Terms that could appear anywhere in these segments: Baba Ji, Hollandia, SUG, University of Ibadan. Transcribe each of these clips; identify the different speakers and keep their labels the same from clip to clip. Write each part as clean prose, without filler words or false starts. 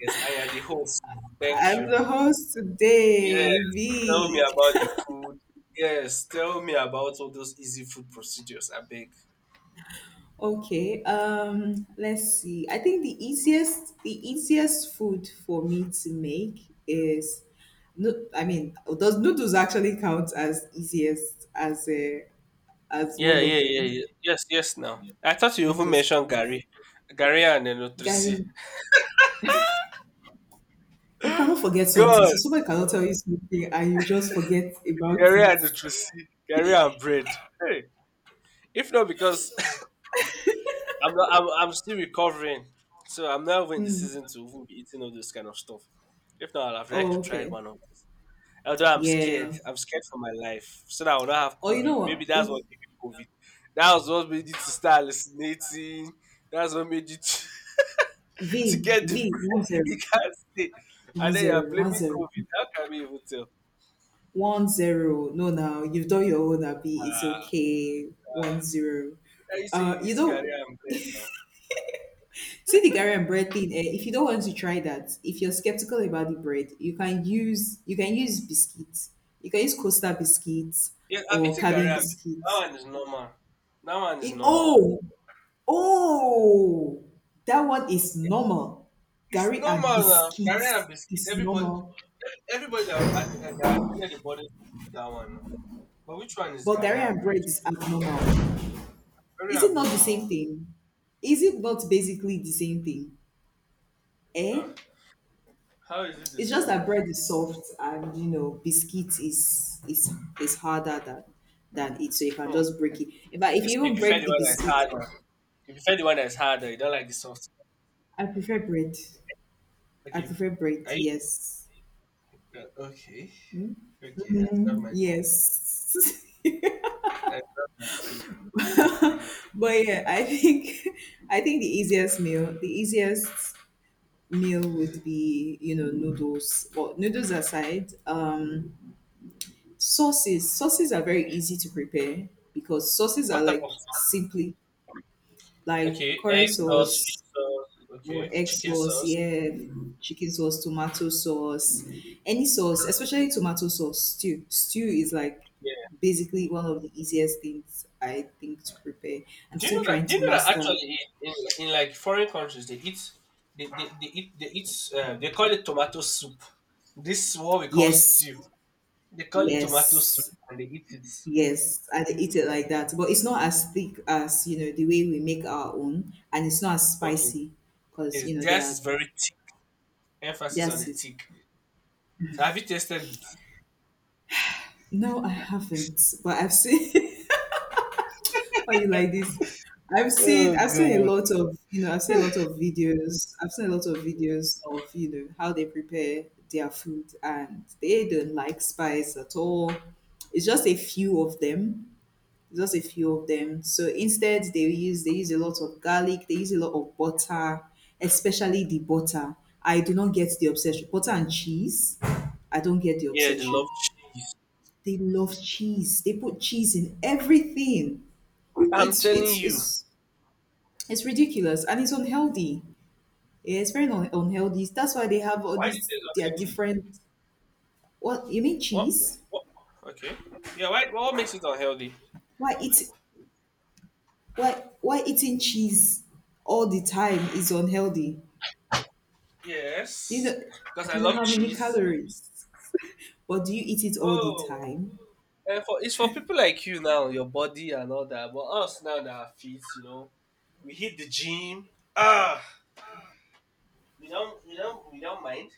Speaker 1: Yes, I am the host. Thank
Speaker 2: I'm
Speaker 1: you.
Speaker 2: the host
Speaker 1: Yeah,
Speaker 2: today,
Speaker 1: tell me
Speaker 2: V.
Speaker 1: about the food. Yes, tell me about all those easy food procedures. I beg.
Speaker 2: Okay, let's see. I think the easiest food for me to make is no I mean, does noodles actually count as easiest as a as
Speaker 1: Yeah,
Speaker 2: one of
Speaker 1: yeah, yeah,
Speaker 2: them?
Speaker 1: yeah. Yes, yes. Now, I thought you even
Speaker 2: Noodles
Speaker 1: mentioned
Speaker 2: count.
Speaker 1: Gary and Nutrisi.
Speaker 2: Gary, you cannot forget something.
Speaker 1: God,
Speaker 2: So somebody cannot tell you something and you just forget about
Speaker 1: Gary
Speaker 2: it.
Speaker 1: and Nutrisi, Gary and bread. Hey, if not because I'm not, I'm still recovering, so I'm not even in the
Speaker 2: Mm.
Speaker 1: season to even be eating all this kind of stuff. If not, I'd have liked to
Speaker 2: Oh,
Speaker 1: try
Speaker 2: okay.
Speaker 1: one of them. Although
Speaker 2: Yeah.
Speaker 1: I'm scared for my life, so that I will not have
Speaker 2: Or you
Speaker 1: COVID.
Speaker 2: know what?
Speaker 1: Maybe that's
Speaker 2: It's
Speaker 1: what gave me COVID. That was what made you to start hallucinating. That's what made you to,
Speaker 2: V,
Speaker 1: to get
Speaker 2: V,
Speaker 1: depressed.
Speaker 2: 10.
Speaker 1: You can't stay,
Speaker 2: One
Speaker 1: and then you're
Speaker 2: zero, one
Speaker 1: blaming
Speaker 2: zero,
Speaker 1: COVID. How can we even tell?
Speaker 2: 10. No, now you've done your own, Abby. It's
Speaker 1: Yeah.
Speaker 2: okay. 10.
Speaker 1: You say
Speaker 2: Uh,
Speaker 1: you
Speaker 2: you
Speaker 1: eat gari
Speaker 2: know,
Speaker 1: and bread now?
Speaker 2: see the Gary and bread thing. Eh? If you don't want to try that, if you're skeptical about the bread, you can use biscuits. You can use Costa biscuits
Speaker 1: Yeah, I've
Speaker 2: or
Speaker 1: eaten gari
Speaker 2: cabin
Speaker 1: and biscuit. That
Speaker 2: biscuits.
Speaker 1: one is normal. That one is
Speaker 2: It,
Speaker 1: normal.
Speaker 2: oh, oh, that one is normal.
Speaker 1: It's
Speaker 2: Gary and
Speaker 1: normal now. Gari and
Speaker 2: biscuits
Speaker 1: biscuit.
Speaker 2: is
Speaker 1: Everybody,
Speaker 2: normal,
Speaker 1: everybody that, that attended the body did that one now. But which one is
Speaker 2: but
Speaker 1: gari
Speaker 2: Gary
Speaker 1: and
Speaker 2: and
Speaker 1: bread?
Speaker 2: bread is abnormal.
Speaker 1: Very
Speaker 2: Is it not the same
Speaker 1: abnormal.
Speaker 2: thing? Is it not basically the same thing?
Speaker 1: Ah.
Speaker 2: Eh?
Speaker 1: How is it the
Speaker 2: It's just
Speaker 1: same?
Speaker 2: that
Speaker 1: Oh?
Speaker 2: bread is soft and you know biscuit is is harder than it, so you
Speaker 1: Hmm.
Speaker 2: can just break it. In fact, if
Speaker 1: Okay, so
Speaker 2: you
Speaker 1: you
Speaker 2: even
Speaker 1: prefer
Speaker 2: break
Speaker 1: the
Speaker 2: the
Speaker 1: one that's
Speaker 2: biscuit,
Speaker 1: harder. You prefer the one that's harder. You don't like the soft.
Speaker 2: I prefer bread. I
Speaker 1: Okay.
Speaker 2: prefer bread.
Speaker 1: Are you
Speaker 2: Yes.
Speaker 1: okay? Okay. I have
Speaker 2: Mhm,
Speaker 1: my comment.
Speaker 2: yes.
Speaker 1: I have my com- I won't say anything.
Speaker 2: I think the easiest meal would be you know noodles. Well, noodles aside, sauces. Sauces are very easy to prepare because sauces are
Speaker 1: What type of
Speaker 2: like
Speaker 1: sauce?
Speaker 2: simply like
Speaker 1: Okay,
Speaker 2: curry
Speaker 1: egg sauce, fish
Speaker 2: sauce
Speaker 1: sauce.
Speaker 2: or
Speaker 1: Okay,
Speaker 2: egg
Speaker 1: chicken
Speaker 2: sauce,
Speaker 1: sauce.
Speaker 2: yeah, chicken sauce, tomato sauce, any sauce, especially tomato sauce, stew. Stew is like
Speaker 1: Yeah.
Speaker 2: basically one of the easiest things I think to prepare. I'm
Speaker 1: Do you
Speaker 2: still
Speaker 1: know that?
Speaker 2: trying
Speaker 1: Do you
Speaker 2: to
Speaker 1: know that
Speaker 2: master.
Speaker 1: actually in, like foreign countries they eat they eat they eat they call it tomato soup. This is what we call
Speaker 2: Yes,
Speaker 1: stew. They call it tomato soup
Speaker 2: yes,
Speaker 1: and they eat it.
Speaker 2: yes. I eat it like that. But it's not as thick as, you know, the way we make our own and it's not as
Speaker 1: Okay.
Speaker 2: spicy because
Speaker 1: Yes,
Speaker 2: you know there
Speaker 1: theirs
Speaker 2: are
Speaker 1: is very thick. Emphasis on
Speaker 2: Yes,
Speaker 1: the
Speaker 2: sis.
Speaker 1: thick. So have you tasted it?
Speaker 2: No, I haven't. But I've seen why you like this.
Speaker 1: Oh
Speaker 2: I've seen a
Speaker 1: God.
Speaker 2: lot of I've seen a lot of videos of, you know, how they prepare their food and they don't like spice at all. It's just a few of them. It's just a few of them. So instead they use a lot of garlic, they use a lot of butter, especially the butter. I do not get the obsession. Butter and cheese, I don't get the
Speaker 1: Yeah, they love
Speaker 2: obsession.
Speaker 1: cheese.
Speaker 2: They love cheese. They put cheese in everything.
Speaker 1: I'm
Speaker 2: It's
Speaker 1: telling
Speaker 2: it's
Speaker 1: you.
Speaker 2: it's it's ridiculous and it's unhealthy. Yeah, it's very unhealthy. That's why they have all
Speaker 1: Why this
Speaker 2: these
Speaker 1: is
Speaker 2: their
Speaker 1: unhealthy?
Speaker 2: different. What you mean
Speaker 1: What?
Speaker 2: cheese?
Speaker 1: What? Okay. Yeah. Why? What makes it unhealthy?
Speaker 2: Why eat why eating cheese all the time is unhealthy? Do you
Speaker 1: Yes,
Speaker 2: know? Do
Speaker 1: because I
Speaker 2: you know
Speaker 1: love
Speaker 2: how many
Speaker 1: cheese.
Speaker 2: calories? But do you eat it all the
Speaker 1: Oh,
Speaker 2: time?
Speaker 1: and for it's for people like you now, your body and all that. But us now that are fit, you know, we hit the gym. Ah, we don't mind.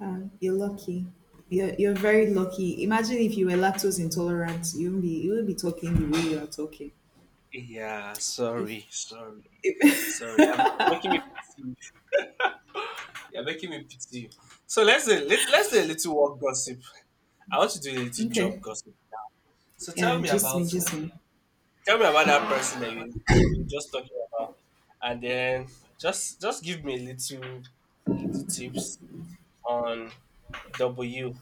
Speaker 2: Ah, you're lucky. You're very lucky. Imagine if you were lactose intolerant, you wouldn't be talking the way you are talking.
Speaker 1: Yeah.
Speaker 2: If
Speaker 1: Sorry. Sorry. Sorry. You're making me. You're making me pity you. So let's do a little work gossip. I want to do a little job
Speaker 2: okay.
Speaker 1: gossip. So
Speaker 2: Yeah, just me, just me.
Speaker 1: tell me about that person that you just talking about, and then just give me a little tips on W.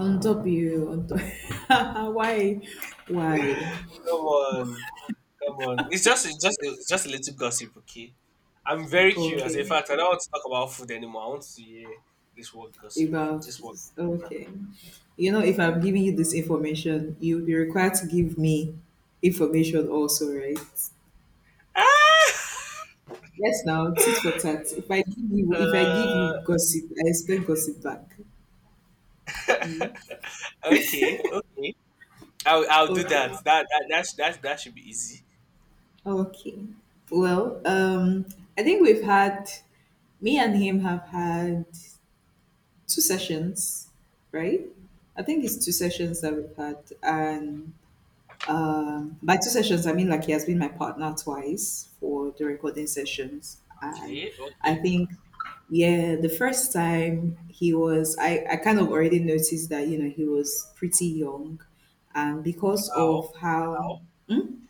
Speaker 2: On top you, on top. Why? Why?
Speaker 1: Come on, come on. It's just a little gossip, okay? I'm very curious. In
Speaker 2: Okay.
Speaker 1: fact, I don't want to talk about food anymore. I want to hear this word gossip.
Speaker 2: About,
Speaker 1: This word now.
Speaker 2: okay. You know, if I'm giving you this information, you'll be required to give me information also, right?
Speaker 1: Ah!
Speaker 2: Yes, now, tit for tat. If I give you
Speaker 1: Uh,
Speaker 2: gossip, I expect gossip back.
Speaker 1: Okay, okay. I'll do
Speaker 2: Okay.
Speaker 1: that. That should be easy.
Speaker 2: Okay. Well, um, I think me and him have had two sessions, right? I think it's two sessions that we've had, and by two sessions I mean like he has been my partner twice for the recording sessions, and
Speaker 1: Okay,
Speaker 2: I
Speaker 1: okay.
Speaker 2: think yeah, the first time I kind of already noticed that you know he was pretty young, and because
Speaker 1: How
Speaker 2: of how.
Speaker 1: how
Speaker 2: Hmm?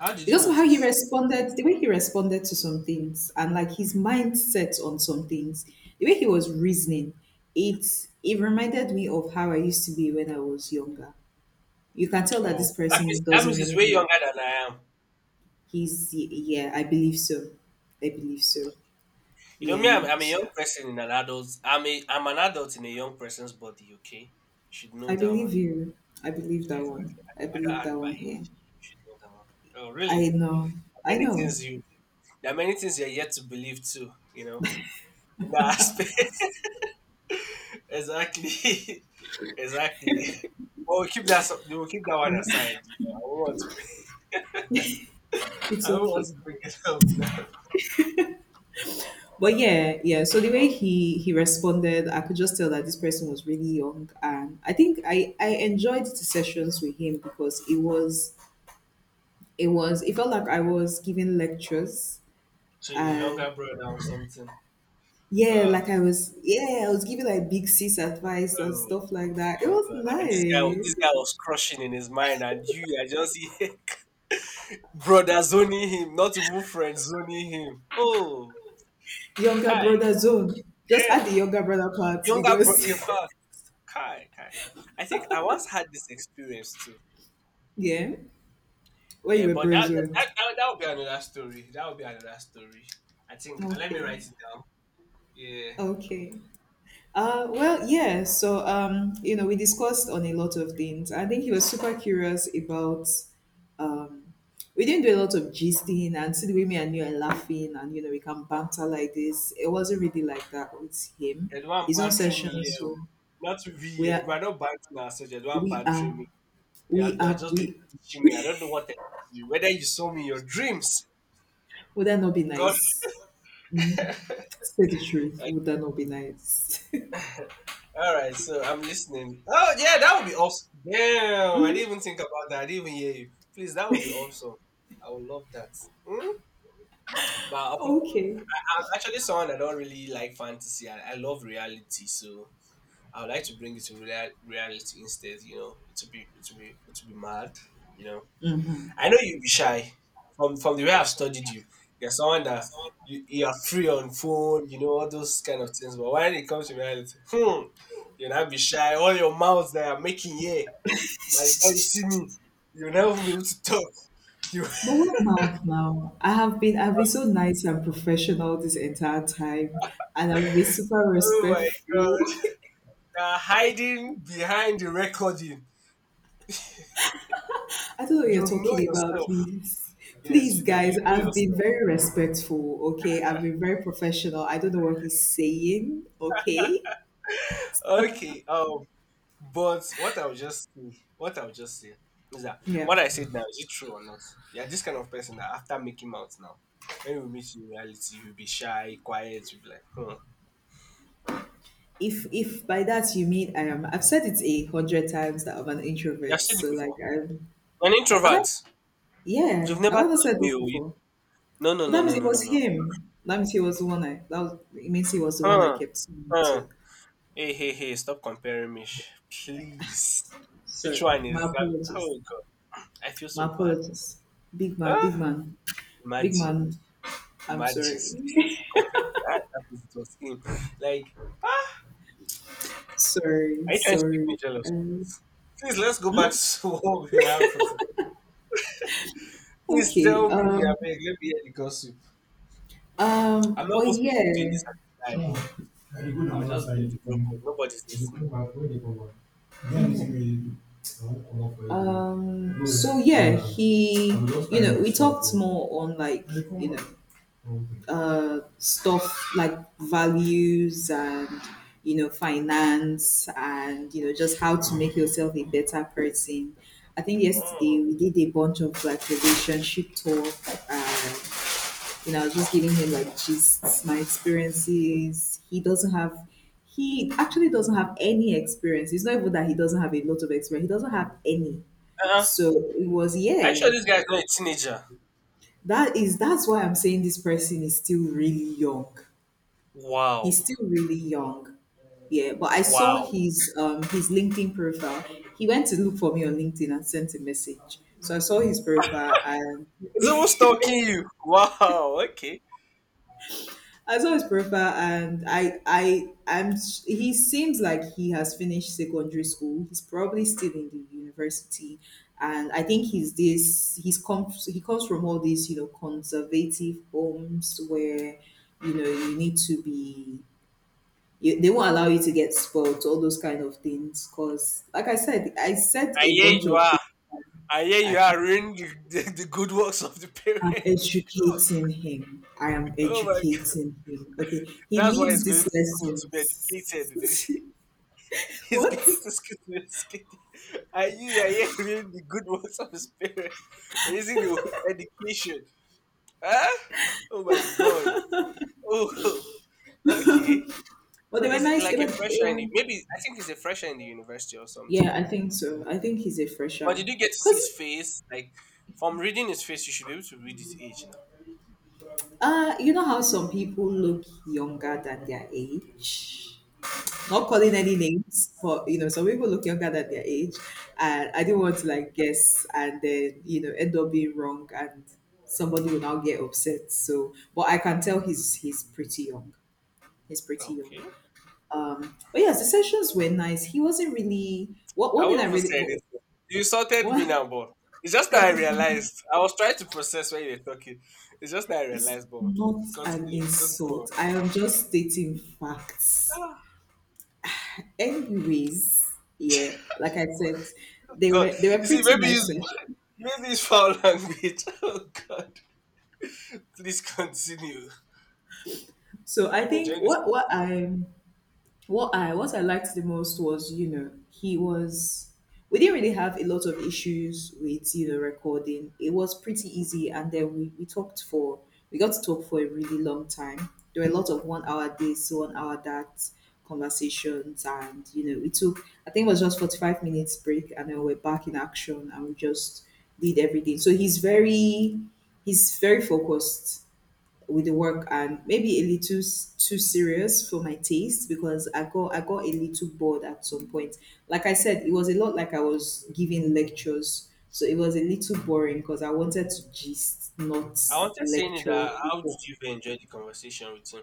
Speaker 1: how did you
Speaker 2: Because of how he
Speaker 1: notice?
Speaker 2: responded, the way he responded to some things and like his mindset on some things, the way he was reasoning, it reminded me of how I used to be when I was younger. You can tell that this
Speaker 1: Oh,
Speaker 2: person
Speaker 1: that
Speaker 2: doesn't
Speaker 1: means it's
Speaker 2: really
Speaker 1: way younger than I am.
Speaker 2: he's yeah, I believe so. I believe so.
Speaker 1: You know me,
Speaker 2: Yeah.
Speaker 1: I'm a young person in an adult. I'm an adult in a young person's body. Okay, you should know
Speaker 2: I
Speaker 1: that one.
Speaker 2: believe you. I believe that
Speaker 1: Exactly.
Speaker 2: one. I
Speaker 1: I don't
Speaker 2: believe that
Speaker 1: act by
Speaker 2: one, yeah.
Speaker 1: age. You should know that one. Oh,
Speaker 2: I
Speaker 1: really?
Speaker 2: know.
Speaker 1: There
Speaker 2: I
Speaker 1: are many
Speaker 2: know.
Speaker 1: things you. There are many things you're yet to believe too. You know, in that aspect. Exactly, exactly. Well, we keep that. We'll keep that one aside. You know,
Speaker 2: It's
Speaker 1: I don't want
Speaker 2: okay.
Speaker 1: to bring it up now.
Speaker 2: But yeah, yeah. So the way he responded, I could just tell that this person was really young, and I think I enjoyed the sessions with him because it was it felt like I was giving lectures
Speaker 1: So your
Speaker 2: and
Speaker 1: younger brother or something.
Speaker 2: yeah, like
Speaker 1: Oh,
Speaker 2: I was giving like big sis advice and
Speaker 1: oh,
Speaker 2: stuff like that. It
Speaker 1: oh
Speaker 2: was
Speaker 1: God! And this guy
Speaker 2: nice.
Speaker 1: was crushing in his mind, and you are just here, brother zoning him, not even friend zoning him. Oh,
Speaker 2: Younger
Speaker 1: Kai,
Speaker 2: brother zone. Just add the
Speaker 1: damn,
Speaker 2: younger brother part
Speaker 1: younger bro. In
Speaker 2: because
Speaker 1: fact, Kai, Kai. I think I once had this experience too.
Speaker 2: yeah, where you
Speaker 1: Yeah,
Speaker 2: were
Speaker 1: but
Speaker 2: bro
Speaker 1: that that,
Speaker 2: zoned.
Speaker 1: that that would be another story. That would be another story. I think. Let me
Speaker 2: Okay,
Speaker 1: write it down. Yeah.
Speaker 2: okay. So, you know, we discussed on a lot of things. I think he was super curious about. Um, we didn't do a lot of gisting, and see the way me and you are laughing, and you know, we can banter like this. It wasn't really like that with him.
Speaker 1: You're the one
Speaker 2: His own
Speaker 1: bantering me here.
Speaker 2: sessions
Speaker 1: Oh.
Speaker 2: were
Speaker 1: Not
Speaker 2: we
Speaker 1: we. We
Speaker 2: are
Speaker 1: are not bantering ourselves. You're the one
Speaker 2: we are
Speaker 1: bantering me. You
Speaker 2: we
Speaker 1: have, you have
Speaker 2: are
Speaker 1: just been
Speaker 2: we.
Speaker 1: teaching me. I don't know what it is. You. Whether you saw me in your dreams.
Speaker 2: Would that not be
Speaker 1: God.
Speaker 2: nice? Say the truth.
Speaker 1: Like,
Speaker 2: Would that not be nice?
Speaker 1: all right. So I'm listening. Oh yeah, that would be awesome. Damn. I didn't even think about that. I didn't even hear you. Please, that would be awesome. I would love that. Hmm? But I prefer-
Speaker 2: okay.
Speaker 1: I'm actually someone that don't really like fantasy. I love reality. So I would like to bring it to reality instead. You know, to be mad. You know,
Speaker 2: Mhm.
Speaker 1: I know you'd be shy from the way I've studied you. You're someone that you are free on phone. You know all those kind of things. But when it comes to reality, you'll not be shy. All your mouths that are making yeah. By the time you see me, you'll never be able to talk. You,
Speaker 2: But what now? I've been so nice and professional this entire time, and I've been super
Speaker 1: oh my god,
Speaker 2: respectful.
Speaker 1: you are hiding behind the recording.
Speaker 2: I don't know what
Speaker 1: You
Speaker 2: you're
Speaker 1: know
Speaker 2: talking about,
Speaker 1: yourself.
Speaker 2: please.
Speaker 1: Yes,
Speaker 2: Please, guys,
Speaker 1: you know
Speaker 2: I've been
Speaker 1: yourself.
Speaker 2: very respectful. Okay, I've been very professional. I don't know what he's saying. Okay,
Speaker 1: Okay. But what I would just say is that
Speaker 2: yeah.
Speaker 1: what I said now, is it true or not? You're this kind of person that after making out now, when we meet you in reality, you'll be shy, quiet, you'll be like, hmm.
Speaker 2: If by that you mean I am, I've said it 100 times that I'm an
Speaker 1: You've
Speaker 2: introvert.
Speaker 1: said it
Speaker 2: So like
Speaker 1: before.
Speaker 2: I'm,
Speaker 1: An
Speaker 2: have I?
Speaker 1: introvert. You've
Speaker 2: Yeah,
Speaker 1: never
Speaker 2: have I not
Speaker 1: told
Speaker 2: said
Speaker 1: me.
Speaker 2: this
Speaker 1: Oh, you...
Speaker 2: before?
Speaker 1: No, no,
Speaker 2: But
Speaker 1: no,
Speaker 2: that means
Speaker 1: no,
Speaker 2: it
Speaker 1: no, no,
Speaker 2: was
Speaker 1: no.
Speaker 2: him. That means he was the one I that was it means he was the one I
Speaker 1: Huh,
Speaker 2: kept seeing you
Speaker 1: huh.
Speaker 2: to.
Speaker 1: Hey, hey, hey, stop comparing me. Please. Which
Speaker 2: Sorry.
Speaker 1: one
Speaker 2: My
Speaker 1: is that?
Speaker 2: apologies.
Speaker 1: Oh, God. I feel
Speaker 2: My
Speaker 1: so bad.
Speaker 2: apologies. Big man,
Speaker 1: Ah,
Speaker 2: big man. Big
Speaker 1: imagine.
Speaker 2: man, I'm
Speaker 1: Imagine.
Speaker 2: sorry.
Speaker 1: See, this is comparing. That is, it was him. Like, are
Speaker 2: sorry,
Speaker 1: you trying to make
Speaker 2: sorry.
Speaker 1: me jealous?
Speaker 2: Um,
Speaker 1: Please let's go back
Speaker 2: hmm?
Speaker 1: to what we have for today. Please
Speaker 2: okay.
Speaker 1: tell me, I
Speaker 2: Um
Speaker 1: beg, let me hear the gossip. I'm not
Speaker 2: but
Speaker 1: even supposed to be doing
Speaker 2: yeah.
Speaker 1: this at the time, but I'll just break the broken. Nobody's listening.
Speaker 2: So yeah, he you know, we talked more on like, you know, stuff like values and you know finance and you know just how to make yourself a better person. I think
Speaker 1: Oh.
Speaker 2: yesterday we did a bunch of like relationship talk, and you know I was just giving him like gists, my experiences. He doesn't have, he actually doesn't have any experience. It's not even that he doesn't have a lot of experience, he doesn't have any.
Speaker 1: Uh-uh.
Speaker 2: so it was
Speaker 1: Are you sure
Speaker 2: yeah,
Speaker 1: this guy's not a teenager?
Speaker 2: that's why I'm saying this person is still really young.
Speaker 1: Wow.
Speaker 2: He's still really young. Yeah, but I saw
Speaker 1: Wow.
Speaker 2: his LinkedIn profile. He went to look for me on LinkedIn and sent a message. So I saw his profile and
Speaker 1: Is it who's talking you? Wow, okay.
Speaker 2: I saw his profile and I I'm, he seems like he has finished secondary school. He's probably still in the university, and I think he comes from all these, you know, conservative homes where you know you need to be they won't allow you to get spoiled, all those kind of things. Because, like I said
Speaker 1: And
Speaker 2: a
Speaker 1: here
Speaker 2: bunch
Speaker 1: you
Speaker 2: of
Speaker 1: are.
Speaker 2: things.
Speaker 1: And here you
Speaker 2: I-
Speaker 1: are ruining the good works of the
Speaker 2: I'm
Speaker 1: parents.
Speaker 2: educating him. I am
Speaker 1: Oh my god.
Speaker 2: educating him. Okay, he
Speaker 1: That's why he's
Speaker 2: needs
Speaker 1: going
Speaker 2: these
Speaker 1: to school to be educated.
Speaker 2: lessons.
Speaker 1: He's
Speaker 2: What?
Speaker 1: going His greatest conspiracy. Are you hearing the good words of his parents? Using the word education. Huh? Oh my god. Oh okay.
Speaker 2: well,
Speaker 1: So
Speaker 2: they were
Speaker 1: is it
Speaker 2: nice.
Speaker 1: like a
Speaker 2: They
Speaker 1: fresher in
Speaker 2: were.
Speaker 1: the, maybe I think he's a fresher in the university or something.
Speaker 2: Yeah, I think so. I think he's a
Speaker 1: But
Speaker 2: fresher.
Speaker 1: did you get to see his
Speaker 2: Cause,
Speaker 1: face? Like from reading his face you should be able to read his age now.
Speaker 2: you know how some people look younger than their age. Not calling any
Speaker 1: Okay.
Speaker 2: names, for you know some people look younger than their age, and I didn't
Speaker 1: Oh,
Speaker 2: want to like guess and then you know end up being wrong and somebody will now get upset. So but I can tell he's pretty young. He's pretty young.
Speaker 1: okay.
Speaker 2: But yes, the sessions were nice. He wasn't really what
Speaker 1: I
Speaker 2: one thing I
Speaker 1: won't even
Speaker 2: really
Speaker 1: say anything. You insulted me
Speaker 2: what
Speaker 1: now, but it's just
Speaker 2: I
Speaker 1: that I
Speaker 2: did
Speaker 1: realized. I was trying to process when you were talking. It's just that I
Speaker 2: it's
Speaker 1: realized, but
Speaker 2: not an
Speaker 1: continue. Just go on.
Speaker 2: insult, I am just stating facts.
Speaker 1: Ah,
Speaker 2: Anyways, yeah, like I said,
Speaker 1: God,
Speaker 2: they were
Speaker 1: you see,
Speaker 2: pretty nice sessions.
Speaker 1: maybe it's foul language. Oh God, please continue.
Speaker 2: So I
Speaker 1: I'm
Speaker 2: think
Speaker 1: enjoying this.
Speaker 2: what I liked the most was you know he was we didn't really have a lot of issues with you know recording. It was pretty easy, and then we talked for we got to talk for a really long time. There were a lot of one hour this, one hour that conversations, and you know it took I think it was just 45 minutes break, and then we're back in action, and we just did everything. So he's very focused with the work and maybe a little too serious for my taste because I got a little bored at some point. Like I said, it was a lot like I was giving lectures, so it was a little boring because I wanted to just not
Speaker 1: I wanted saying
Speaker 2: lecture
Speaker 1: that. How did
Speaker 2: people.
Speaker 1: you even enjoy the conversation with him?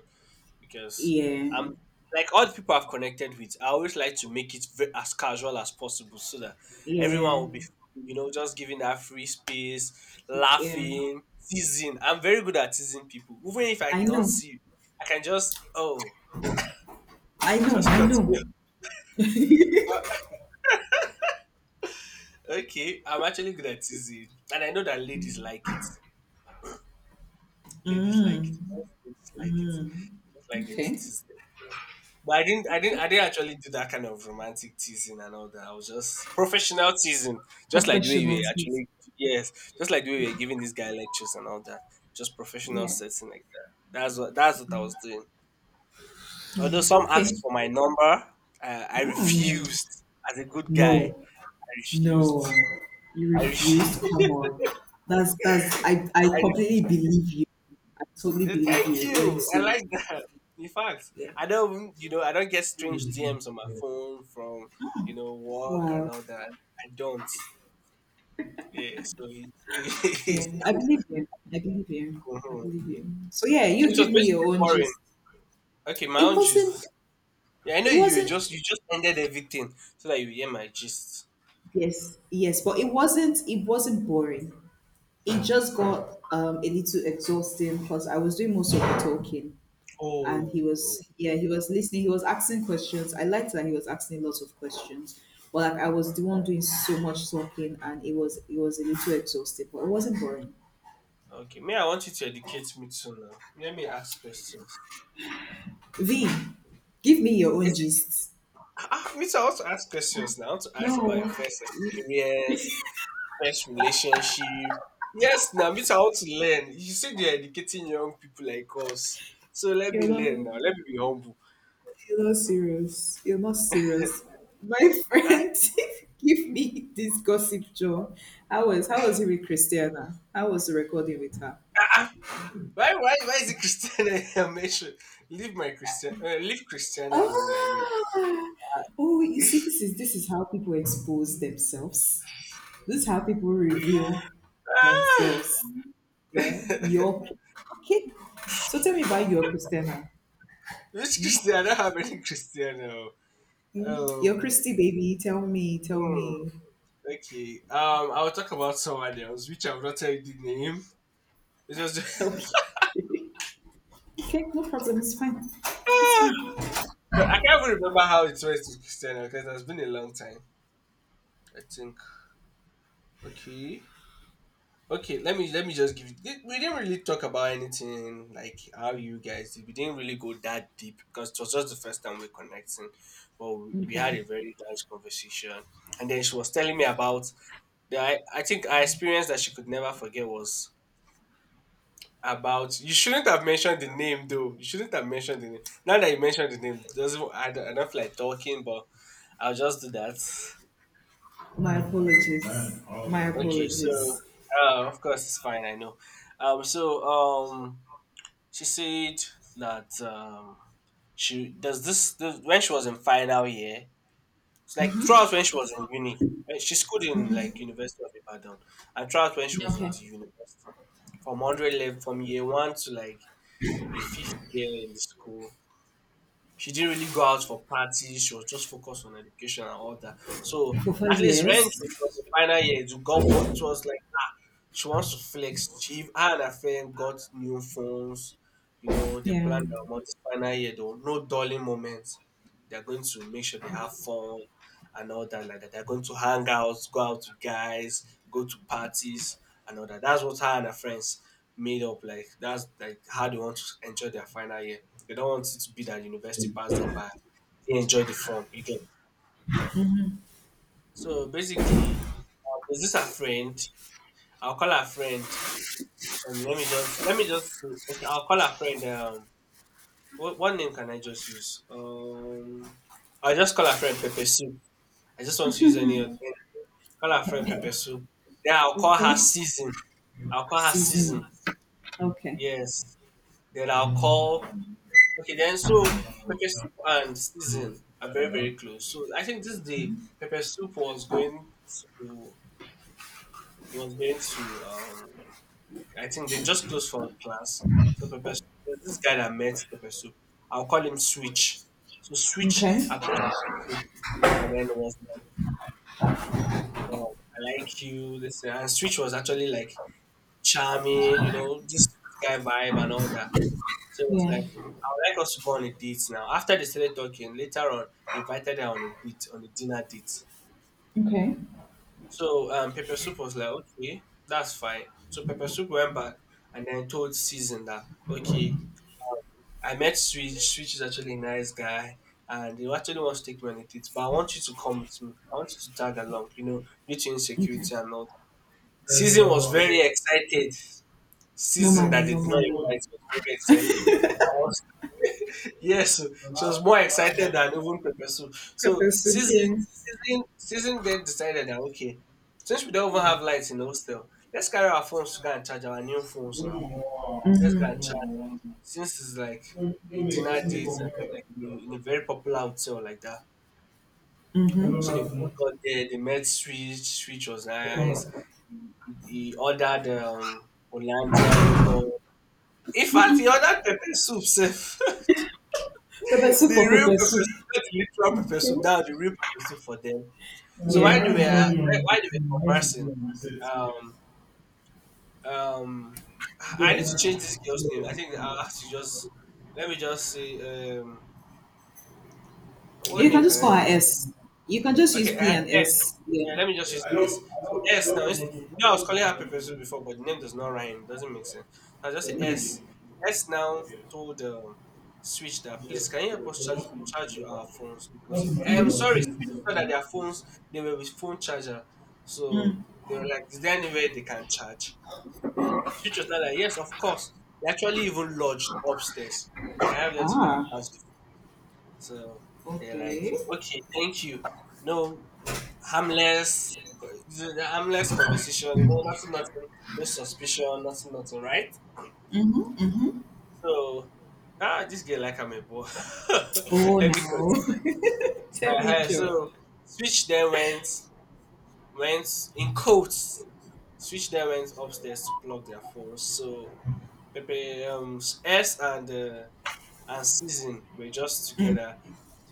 Speaker 1: Because
Speaker 2: Yeah,
Speaker 1: I'm like all the people I've connected with. I always like to make it as casual as possible so that everyone
Speaker 2: yeah,
Speaker 1: will be, you know, just giving that free space,
Speaker 2: yeah.
Speaker 1: laughing, teasing. I'm very good at teasing people, even if I
Speaker 2: I
Speaker 1: don't
Speaker 2: know,
Speaker 1: see you, I can just oh, just
Speaker 2: I know.
Speaker 1: continue. Okay, I'm actually good at teasing, and I know that ladies like it. Ladies like it. Most ladies like it. Just like them to
Speaker 2: Okay,
Speaker 1: tease. But I
Speaker 2: okay.
Speaker 1: didn't actually do that kind of romantic teasing and all that. I was just professional teasing, just like the way you
Speaker 2: Professional
Speaker 1: were
Speaker 2: taste.
Speaker 1: actually, yes, just like the way we
Speaker 2: Yeah,
Speaker 1: were giving this guy lectures and all that. Just professional
Speaker 2: yeah.
Speaker 1: setting like that. That's what I was doing. Although some
Speaker 2: Okay.
Speaker 1: asked for my number, I
Speaker 2: Mm.
Speaker 1: refused. As a good guy,
Speaker 2: No,
Speaker 1: I
Speaker 2: no,
Speaker 1: refused.
Speaker 2: you
Speaker 1: I, ref-
Speaker 2: refused. Come on. That's I I
Speaker 1: I
Speaker 2: completely believe you. I totally
Speaker 1: refused.
Speaker 2: believe
Speaker 1: Thank
Speaker 2: you when you
Speaker 1: you. I
Speaker 2: say
Speaker 1: like that. In fact,
Speaker 2: yeah.
Speaker 1: I don't, even- you know, I don't get strange DMs on my phone from, you know, work and
Speaker 2: Wow.
Speaker 1: all that. I don't. Yeah, so it,
Speaker 2: Yeah.
Speaker 1: it's
Speaker 2: I believe you. I believe you. I
Speaker 1: mhm.
Speaker 2: believe you. So yeah,
Speaker 1: So
Speaker 2: you
Speaker 1: it was
Speaker 2: give me your
Speaker 1: basically
Speaker 2: own
Speaker 1: boring.
Speaker 2: gist.
Speaker 1: Okay, my
Speaker 2: It
Speaker 1: own
Speaker 2: wasn't
Speaker 1: gist. Yeah, I know
Speaker 2: it wasn't
Speaker 1: you just ended everything so that you hear my gist.
Speaker 2: yes, yes, but it wasn't boring. It just got a little exhausting because I was doing most of the talking. And he
Speaker 1: Oh, oh.
Speaker 2: was, yeah, he was listening, he was asking questions. I liked that he was asking lots of questions, but like I was the one doing so much talking and it was a little exhausted but it wasn't boring.
Speaker 1: Okay. May I want you to educate me too now. Let me ask questions.
Speaker 2: V Give me your
Speaker 1: Is
Speaker 2: own
Speaker 1: it,
Speaker 2: gist.
Speaker 1: ah, ah, me too, I want to ask questions now. I want to ask about your
Speaker 2: No,
Speaker 1: first experience, first relationship. Yes, now me too, I want to learn. You said you're educating young people like us, so let
Speaker 2: you're
Speaker 1: me
Speaker 2: not
Speaker 1: learn now. Let me be humble.
Speaker 2: you're not serious, you're not serious, my friend. Give me this gossip, Joe. How was he with Christiana? How was the recording with her?
Speaker 1: Why is it Christiana? I'm sure. Leave Christiana alone. I mean,
Speaker 2: Ah, oh, you see, this is this is how people expose themselves. This is how people reveal
Speaker 1: Ah,
Speaker 2: themselves. Yeah,
Speaker 1: which
Speaker 2: your okay. So tell me about your Christina.
Speaker 1: Christiana? How many Christiana.
Speaker 2: Hmm? Your
Speaker 1: Um,
Speaker 2: Christy baby. Tell me. Tell
Speaker 1: mm,
Speaker 2: me.
Speaker 1: okay. I'll talk about someone else, which I will not tell you the name. It was
Speaker 2: Okay.
Speaker 1: just...
Speaker 2: Okay, no problem. It's fine. It's fine.
Speaker 1: Ah, I can't even remember how it went to Christiana because it has been a long time. I think. Okay. Okay, let me just give you. We didn't really talk about anything like how you guys did. We didn't really go that deep because it was just the first time we're connecting. But we
Speaker 2: Okay.
Speaker 1: had a very nice conversation, and then she was telling me about the... I think our experience that she could never forget was about... You shouldn't have mentioned the name though. You shouldn't have mentioned the name. Now that you mentioned the name, doesn't... I don't feel like talking, but I'll just do that.
Speaker 2: My apologies. My
Speaker 1: Okay, so
Speaker 2: apologies.
Speaker 1: of course it's fine. I know. So she said that she does this when she was in final year. It's like throughout when she was in uni. When she schooled in like University of Ibadan, and throughout when she was in
Speaker 2: Okay.
Speaker 1: the university, from hundred level from year one to like the fifth year in the school, she didn't really go out for parties. She was just focused on education and all that. So
Speaker 2: For
Speaker 1: at
Speaker 2: five
Speaker 1: least when she
Speaker 2: years.
Speaker 1: was in final year, it got bored. It was like she wants to flex. Her and her friend got new phones. You know, they
Speaker 2: Yeah.
Speaker 1: planned their month's final year though. No dulling moments. They're going to make sure they have fun and all that like that. They're going to hang out, go out with guys, go to parties and all that. That's what her and her friends made up, like that's like how they want to enjoy their final year. They don't want it to be that university pass them by. They enjoy the fun, you get. So basically, there's this her friend. I'll call her friend... let me just see. Okay. I'll call her friend. What name can I just use? I'll just call her friend Pepper Soup. I just want to use any other name. Call her friend Pepper Soup. Then I'll call her
Speaker 2: Okay.
Speaker 1: Season. I'll call her
Speaker 2: Season.
Speaker 1: Season.
Speaker 2: Okay.
Speaker 1: Yes. Then I'll call. Okay. Then so Pepper Soup and Season are very very close. So I think this day Pepper Soup was going to... was going to, um, I think they just closed for class. So Pepper Soup, there's this guy that met Pepper Soup. I'll call him Switch. So Switch
Speaker 2: Okay.
Speaker 1: approached Pepper Soup and then was like, oh, I like you. This... and Switch was actually like charming, you know, this guy vibe and all that. So it was
Speaker 2: Yeah.
Speaker 1: like, I would like us to go on a date now. After they started talking, later on, invited her on a date, on a dinner date.
Speaker 2: Okay.
Speaker 1: So Pepper Soup was like, okay, that's fine. So Pepper Soup went back and then told Season that, okay, I met Switch. Switch is actually a nice guy, and he actually wants to take me on a date. But I want you to come with me. I want you to tag along. You know, due to
Speaker 2: Okay.
Speaker 1: insecurity and all that. Season was very excited. Season
Speaker 2: Normally,
Speaker 1: that did not
Speaker 2: normally.
Speaker 1: invite was very excited. I was yes, so she was more excited than even Pepe Sue. So
Speaker 2: Pepper soup, yeah.
Speaker 1: season then decided that, okay, since we don't even have lights in the hostel, let's carry our phones to go and charge our new phones now. Let's go and... since it's like a dinner date and like in a very popular hotel like that. So they both got there, they met Switch, Switch was nice. He ordered Hollandia yogurt. In fact, he ordered pepper soup sef.
Speaker 2: Pepper soup
Speaker 1: The
Speaker 2: or
Speaker 1: real
Speaker 2: pepper
Speaker 1: pepper
Speaker 2: soup?
Speaker 1: soup, not the literal pepper
Speaker 2: Okay.
Speaker 1: soup, that was the real pepper soup for them. So
Speaker 2: Yeah.
Speaker 1: while they were conversing, um um, I need to change this girl's name. I think I'll have to just... let me just see, what
Speaker 2: You can
Speaker 1: name can
Speaker 2: just call
Speaker 1: I
Speaker 2: her
Speaker 1: just...
Speaker 2: S. You can just use
Speaker 1: Okay, I
Speaker 2: P
Speaker 1: have
Speaker 2: and
Speaker 1: S.
Speaker 2: S. Yeah.
Speaker 1: Yeah, let me just use S. So S now is, you know, I was calling her Pepesu before, but the name does not rhyme. Doesn't make sense. I just say
Speaker 2: Yeah.
Speaker 1: S. S now told Switch that, please can you help us charge charge you our phones because I'm sorry Switch saw that their phones they were with phone charger, so
Speaker 2: Mm.
Speaker 1: they were like, is there any way they can charge? Switch was like, yes, of course. They actually even lodged upstairs. We can have them to that
Speaker 2: Ah.
Speaker 1: charge. So they're like,
Speaker 2: Okay.
Speaker 1: okay, thank you. No, harmless, the harmless conversation, you know, nothing, nothing, no suspicion, nothing, nothing, right?
Speaker 2: Mm-hmm. Mm-hmm.
Speaker 1: So, ah, this girl like I'm a boy.
Speaker 2: Oh
Speaker 1: Let me
Speaker 2: no. Tell
Speaker 1: cut.
Speaker 2: me, Joe.
Speaker 1: Switch then went, in quotes. Switch then went upstairs to plug their phones. So, Pepe, S and season were just together,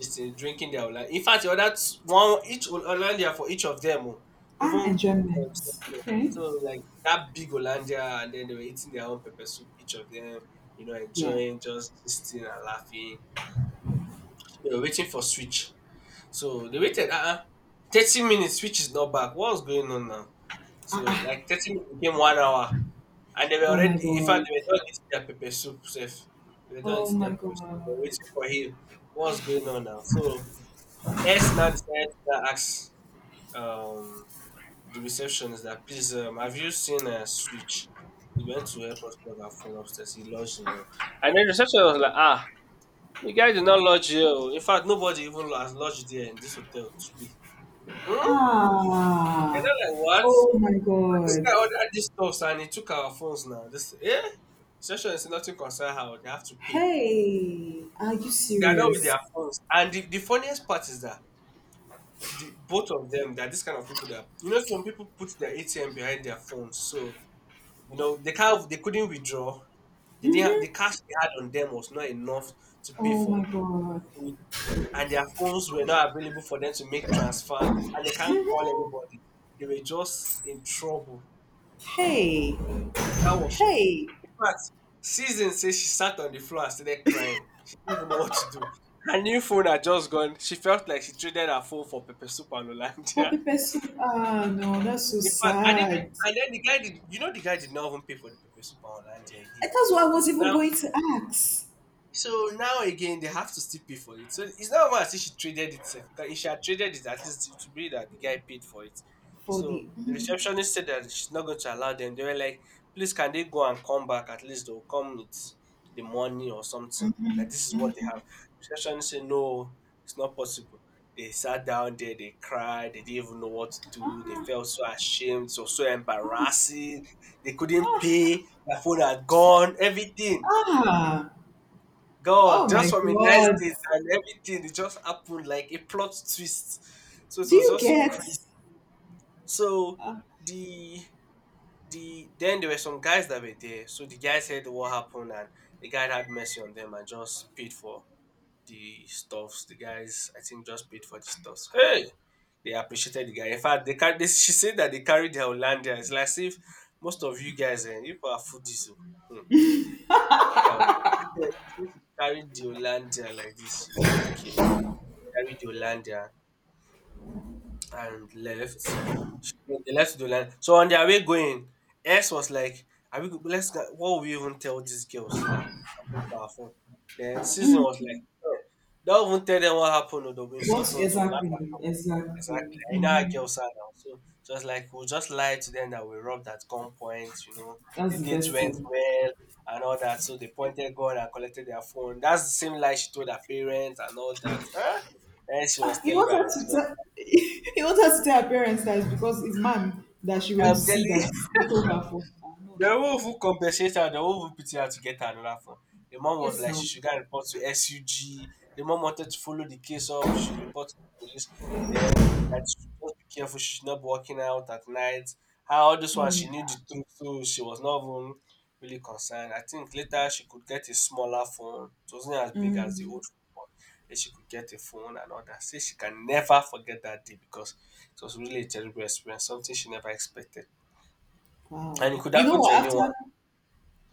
Speaker 1: just drinking their Hollandia. In fact, the other one each Hollandia for each of them, oh, even for
Speaker 2: Ah, enjoyment.
Speaker 1: themselves. Yeah.
Speaker 2: Okay.
Speaker 1: So like that big Hollandia, and then they were eating their own pepper soup, each of them, you know,
Speaker 2: Yeah.
Speaker 1: enjoying, just sitting and laughing. So they were waiting for switch, so they waited. 30 minutes, switch is not back. What's going on now?
Speaker 2: Ah,
Speaker 1: So
Speaker 2: ah.
Speaker 1: like 30 minutes became 1 hour, and they were
Speaker 2: Oh my
Speaker 1: already... In fact,
Speaker 2: god.
Speaker 1: they were done eating their pepper soup. Safe. They were done
Speaker 2: Oh
Speaker 1: eating their
Speaker 2: my
Speaker 1: pepper soup. They
Speaker 2: god.
Speaker 1: were waiting for him. What's going on now? So S now decided to ask um, the receptionist that, please, have you seen a switch? He went to help us plug our phone upstairs. He lodged in the... And then the receptionist was like, ah, the guy did not lodge here. Oh. In fact, nobody even has lodged there in this hotel today. Hmm? They're
Speaker 2: Ah.
Speaker 1: not like what?
Speaker 2: Oh my
Speaker 1: This
Speaker 2: god.
Speaker 1: guy ordered this stuff and he took our phones now. This, yeah, session is nothing concern how they have to pay.
Speaker 2: Hey. Are you
Speaker 1: They are not with
Speaker 2: serious?
Speaker 1: their phones. And the funniest part is that the both of them, they are this kind of people that, you know, some people put their ATM behind their phones, so you know they can't... they couldn't withdraw. They didn't have... the
Speaker 2: Mm-hmm.
Speaker 1: cash they had on them was not enough to pay
Speaker 2: Oh my
Speaker 1: for
Speaker 2: god.
Speaker 1: food, and their phones were not available for them to make transfer, and they can't call
Speaker 2: Mm-hmm.
Speaker 1: anybody. They were just in trouble.
Speaker 2: Hey.
Speaker 1: That was so...
Speaker 2: Hey.
Speaker 1: in fact, Season says she sat on the floor and started crying. She didn't even know what to do. Her new phone had just gone. She felt like she traded her phone for pepper soup and
Speaker 2: Poor
Speaker 1: Hollandia.
Speaker 2: pepper soup. Ah no, that's so
Speaker 1: In fact, I
Speaker 2: sad.
Speaker 1: didn't. And then the guy did. You know, the guy did not even pay for the pepper soup and Hollandia again.
Speaker 2: And that's what I was
Speaker 1: So
Speaker 2: even
Speaker 1: now...
Speaker 2: going to ask
Speaker 1: so now again, they have to still pay for it. So it's not even as if she traded it. Because if she had traded it, at least it would be that the guy paid for it.
Speaker 2: for the.
Speaker 1: So the receptionist said that she's not going to allow them. They were like, please, can they go and come back? At least they'll come with the money or something. That this is what they have. Receptionist said, no, it's not possible. They sat down there, they cried, they didn't even know what to do. They felt so ashamed, so so embarrassing. They couldn't
Speaker 2: Ah.
Speaker 1: pay, their phone had gone, everything.
Speaker 2: Ah.
Speaker 1: God,
Speaker 2: Oh
Speaker 1: just
Speaker 2: my
Speaker 1: from a nice
Speaker 2: god.
Speaker 1: date and everything, it just happened like a plot twist. So it
Speaker 2: Do
Speaker 1: was
Speaker 2: you
Speaker 1: just so
Speaker 2: get?
Speaker 1: crazy. So the then there were some guys that were there. So the guys heard what happened and the guy had mercy on them and just paid for the stuffs. The guys I think just paid for the stuffs. Hey, they appreciated the guy. In fact, they can they, she said that they carried their Hollandia. It's like as if most of you guys and you people are foodies. Oh. Hmm. Like, yeah, she said she carried the Hollandia like this. She didn't even care. Carried Yolanda and left. She... they left Yolanda. So on their way going, S was like, "Are we? Go... let's go... what will we even tell these girls that happened to our phone?" Then Susan was like, "Eh, don't even tell them what happened. Or they'll be insult
Speaker 2: What
Speaker 1: us, they laugh at
Speaker 2: exactly?
Speaker 1: us."
Speaker 2: Exactly.
Speaker 1: Exactly. You know how
Speaker 2: Hmm.
Speaker 1: girls are now. So just like we'll just lie to them that we robbed at gunpoint. You know, the
Speaker 2: That's the
Speaker 1: date
Speaker 2: best
Speaker 1: went
Speaker 2: thing.
Speaker 1: well and all that. So they pointed gun and collected their phone. That's the same lie she told her parents and all that. Huh? And she
Speaker 2: Ah,
Speaker 1: was
Speaker 2: you
Speaker 1: telling me
Speaker 2: wanted to tell. You wanted to tell her parents that it's because it's man that she went to
Speaker 1: I'm telling
Speaker 2: see
Speaker 1: you,
Speaker 2: that told her for. Ah, no,
Speaker 1: they
Speaker 2: no.
Speaker 1: won't even compensate her. They won't even pity her to get her another phone. The mom was
Speaker 2: Yes,
Speaker 1: like, she
Speaker 2: no.
Speaker 1: should go and report to SUG. The mom wanted to follow the case up. She should report to the police. Then that she should just be careful. She should not be walking out at night. Her all this one,
Speaker 2: Yeah.
Speaker 1: she knew the truth, so she was not even really concerned. I think later she could get a smaller phone. It wasn't as big as the
Speaker 2: Mm,
Speaker 1: old phone, but then she could get a phone and all that. Say she can never forget that day because it was really a terrible experience, something she never expected.
Speaker 2: wow.
Speaker 1: And it could
Speaker 2: You know
Speaker 1: happen to
Speaker 2: what? After
Speaker 1: anyone.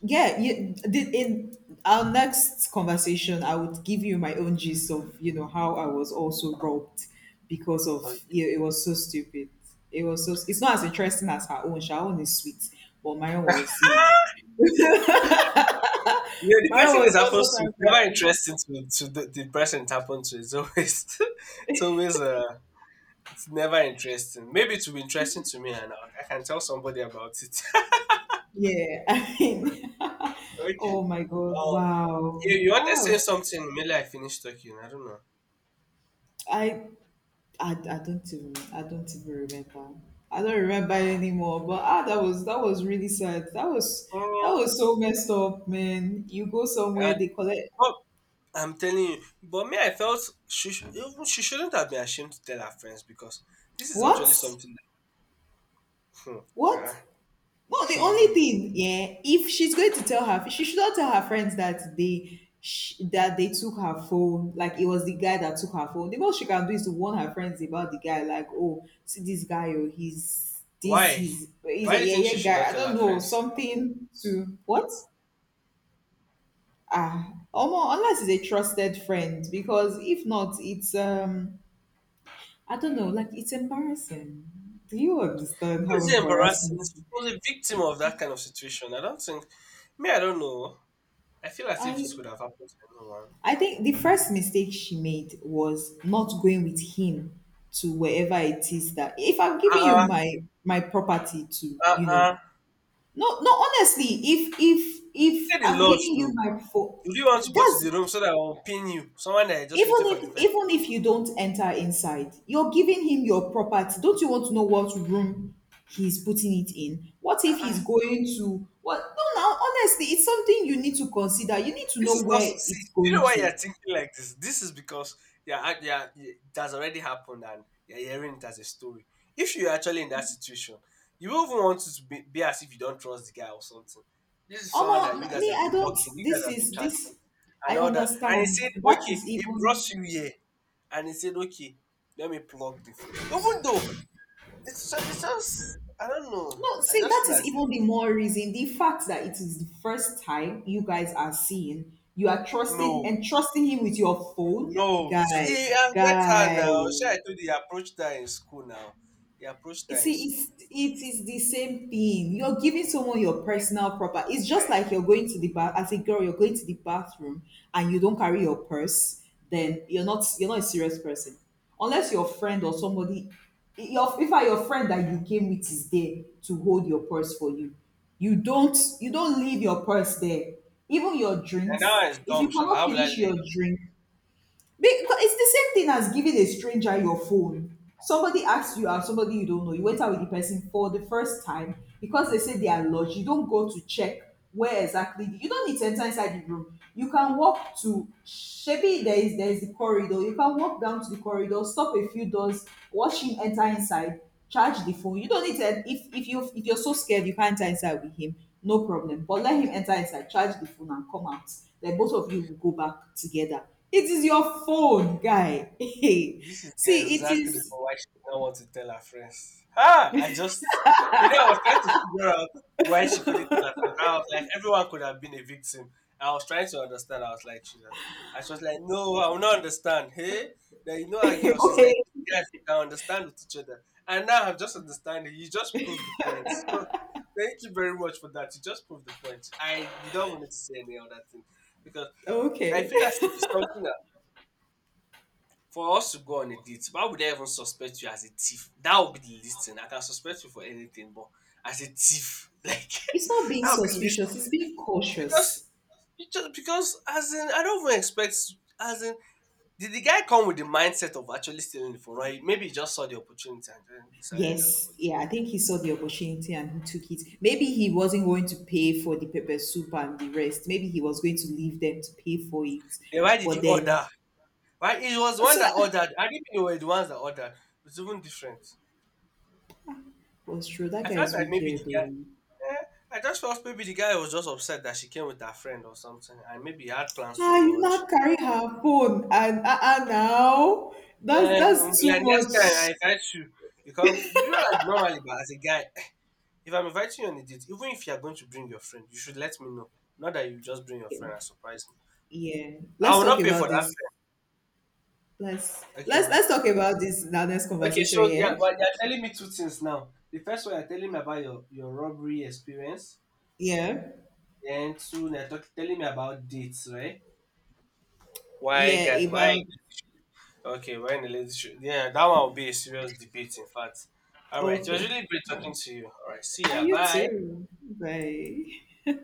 Speaker 2: yeah, yeah, the, in our next conversation, I would give you my own gist of, you know, how I was also robbed because of,
Speaker 1: Okay.
Speaker 2: you know, it was so stupid. It was so it's not as interesting as her own. Her own is sweet, but my own was, you know
Speaker 1: You know, the
Speaker 2: my own
Speaker 1: person
Speaker 2: was
Speaker 1: it
Speaker 2: also
Speaker 1: happens to
Speaker 2: kind
Speaker 1: is never
Speaker 2: of
Speaker 1: interesting to the person it happened to. It's always, it's always, uh, it's never interesting. Maybe it will be interesting to me and I can tell somebody about it.
Speaker 2: yeah. I mean,
Speaker 1: Okay.
Speaker 2: oh my god,
Speaker 1: Um, you,
Speaker 2: wow!
Speaker 1: you wanted to
Speaker 2: I
Speaker 1: say
Speaker 2: was,
Speaker 1: something, maybe I finished talking. I don't know.
Speaker 2: I I don't even I don't even remember. I don't remember anymore. But ah, that was really sad. That
Speaker 1: Oh,
Speaker 2: was so messed up, man. You go somewhere,
Speaker 1: uh,
Speaker 2: they collect
Speaker 1: but I'm telling you, but me, I felt even she shouldn't have been ashamed to tell her friends because this is actually
Speaker 2: what?
Speaker 1: something that, hmm,
Speaker 2: What?
Speaker 1: uh,
Speaker 2: No, the only
Speaker 1: she
Speaker 2: thing, yeah. If she's going to tell her, she should not tell her friends that that they took her phone. Like it was the guy that took her phone. The most she can do is to warn her friends about the guy. Like, oh, see this guy, or he's this,
Speaker 1: Why?
Speaker 2: he's he's a
Speaker 1: Why do you think
Speaker 2: yeah
Speaker 1: she
Speaker 2: yeah
Speaker 1: should
Speaker 2: guy.
Speaker 1: not
Speaker 2: I
Speaker 1: tell
Speaker 2: don't
Speaker 1: her
Speaker 2: know
Speaker 1: friends?
Speaker 2: something to what. Ah, omo, unless it's a trusted friend, because if not it's I don't know, like it's embarrassing. Do you understand
Speaker 1: How
Speaker 2: how
Speaker 1: is it embarrassing?
Speaker 2: embarrassing?
Speaker 1: She was a victim of that kind of situation. I don't think. Me, I don't know. I feel as if
Speaker 2: i
Speaker 1: this could have happened to anyone.
Speaker 2: i think the first mistake she made was not going with him to wherever it is that if I'm
Speaker 1: Uh
Speaker 2: giving you
Speaker 1: uh
Speaker 2: my property to,
Speaker 1: uh.
Speaker 2: you know,
Speaker 1: uh.
Speaker 2: no no honestly if if
Speaker 1: He
Speaker 2: if
Speaker 1: said the
Speaker 2: I'm
Speaker 1: lodge
Speaker 2: giving you
Speaker 1: though.
Speaker 2: my phone,
Speaker 1: Would you want to go to
Speaker 2: that's
Speaker 1: the room so that I will pin you? Someone that I just met
Speaker 2: even
Speaker 1: you for
Speaker 2: if,
Speaker 1: the first.
Speaker 2: even if you don't enter inside, you're giving him your property. Don't you want to know what room he's putting it in? What if
Speaker 1: Uh
Speaker 2: he's
Speaker 1: uh
Speaker 2: going to what? No, now honestly, it's something you need to consider. You need to
Speaker 1: This
Speaker 2: know
Speaker 1: is not
Speaker 2: where
Speaker 1: so. See,
Speaker 2: it's
Speaker 1: do you
Speaker 2: going
Speaker 1: know why you're
Speaker 2: to.
Speaker 1: thinking like this? This is because yeah, yeah, it has already happened and you're hearing it as a story. If you're actually in that situation, you won't even want to be as if you don't trust the guy or something. This is someone
Speaker 2: Omo,
Speaker 1: that you guys
Speaker 2: me,
Speaker 1: have
Speaker 2: I
Speaker 1: been
Speaker 2: don't
Speaker 1: talking, you guys
Speaker 2: this
Speaker 1: have been
Speaker 2: is
Speaker 1: chatting,
Speaker 2: this
Speaker 1: and
Speaker 2: I
Speaker 1: all that. And he
Speaker 2: understand.
Speaker 1: said,
Speaker 2: That
Speaker 1: okay,
Speaker 2: is
Speaker 1: he brought
Speaker 2: even
Speaker 1: you here, and he said, okay, let me plug the phone. Even though it's just I don't know,
Speaker 2: no,
Speaker 1: I
Speaker 2: see,
Speaker 1: just
Speaker 2: that
Speaker 1: feel
Speaker 2: is
Speaker 1: as if
Speaker 2: even the more reason. The fact that it is the first time you guys are seeing, you are trusting
Speaker 1: no,
Speaker 2: and trusting him with your phone,
Speaker 1: No,
Speaker 2: guy,
Speaker 1: see, I've met her
Speaker 2: guy.
Speaker 1: now. She, I told you, he approached her in school now. He approached
Speaker 2: You
Speaker 1: her in
Speaker 2: see,
Speaker 1: school.
Speaker 2: it is the same thing. You're giving someone your personal property. It's just
Speaker 1: Yeah,
Speaker 2: like
Speaker 1: I do.
Speaker 2: you're going to the bath as a girl, you're going to the bathroom and you don't carry your purse, then you're not, you're not a serious person. Unless your friend or somebody, your if I your friend that you came with is there to hold your purse for you. You don't, you don't leave your purse there. Even your
Speaker 1: And now
Speaker 2: drinks.
Speaker 1: it's
Speaker 2: If you
Speaker 1: dumb, sha.
Speaker 2: cannot
Speaker 1: How will I
Speaker 2: finish
Speaker 1: lay
Speaker 2: your drink, because it's the same thing as giving a stranger your phone. Somebody asks you out, somebody you don't know. You went out with the person for the first time because they say they are lodged. You don't go to check where exactly. You don't need to enter inside the room. You can walk to maybe there is the corridor. You can walk down to the corridor, stop a few doors, watch him enter inside, charge the phone. You don't need to. If you, if you're so scared, you can't enter inside with him. No problem. But let him enter inside, charge the phone, and come out. Then both of you will go back together. It is your phone, guy.
Speaker 1: This is the
Speaker 2: See, it
Speaker 1: exact reason
Speaker 2: is
Speaker 1: why she did not want to tell her friends. Ah, I just, you know, I was trying to figure out why she couldn't tell her friends. I was like, everyone could have been a victim. I was trying to understand. I was like, Jesus. I was just like, no, I will not understand. Hey, now you know our girl. She's like,
Speaker 2: okay.
Speaker 1: yes, I understand with each other. And now I'm just understanding. You just proved the point. So thank you very much for that. You just proved the point. You don't want me to say any other thing because I
Speaker 2: Okay.
Speaker 1: feel as if it's something for us to go on a date, why would I even suspect you as a thief? That would be the least thing. I can suspect you for anything, but as a thief, like
Speaker 2: It's not being
Speaker 1: that would be the least
Speaker 2: suspicious,
Speaker 1: thing.
Speaker 2: it's being
Speaker 1: Because
Speaker 2: cautious.
Speaker 1: you just because as in I don't even expect as in did the guy come with the mindset of actually stealing the phone? Right? Maybe he just saw the opportunity and then decided that
Speaker 2: Yes,
Speaker 1: okay.
Speaker 2: yeah, I think he saw the opportunity and he took it. Maybe he wasn't going to pay for the pepper soup and the rest. Maybe he was going to leave them to pay for it.
Speaker 1: Then why did
Speaker 2: But
Speaker 1: he
Speaker 2: then,
Speaker 1: order? Right? It was one
Speaker 2: so
Speaker 1: that
Speaker 2: that
Speaker 1: ordered. I think they were the ones that ordered. It's even different.
Speaker 2: but true, that
Speaker 1: I
Speaker 2: guy
Speaker 1: felt
Speaker 2: is
Speaker 1: like maybe
Speaker 2: wicked.
Speaker 1: the guy
Speaker 2: Oh.
Speaker 1: eh, I just felt maybe the guy was just upset that she came with her friend or something, and maybe he had plans to
Speaker 2: Ah, you
Speaker 1: lodge.
Speaker 2: not carry her phone and ah now that's
Speaker 1: Yeah, we'll
Speaker 2: that's
Speaker 1: be
Speaker 2: too
Speaker 1: like next
Speaker 2: much.
Speaker 1: time I invite you. You can't, you know, like normally, but as a guy, if I'm inviting you on a date, even if you are going to bring your friend, you should let me know. Not that you just bring your friend and surprise me.
Speaker 2: Yeah,
Speaker 1: I
Speaker 2: let's
Speaker 1: will
Speaker 2: talk
Speaker 1: not pay for
Speaker 2: about
Speaker 1: that
Speaker 2: this. Let's
Speaker 1: friend. Okay.
Speaker 2: let's
Speaker 1: Well,
Speaker 2: let's talk about this in our next
Speaker 1: okay,
Speaker 2: conversation.
Speaker 1: so yeah,
Speaker 2: Yeah,
Speaker 1: but you're telling me two things now. The first one you're telling me about your robbery experience,
Speaker 2: yeah,
Speaker 1: and two you're telling me about dates, right? Why
Speaker 2: yeah.
Speaker 1: guy why
Speaker 2: About
Speaker 1: okay, why in the ladies show? Yeah, that one will be a serious debate in fact. All right, it was
Speaker 2: okay.
Speaker 1: really great
Speaker 2: All right.
Speaker 1: talking to you. All right, see
Speaker 2: And
Speaker 1: ya.
Speaker 2: you
Speaker 1: Bye.
Speaker 2: too. Bye.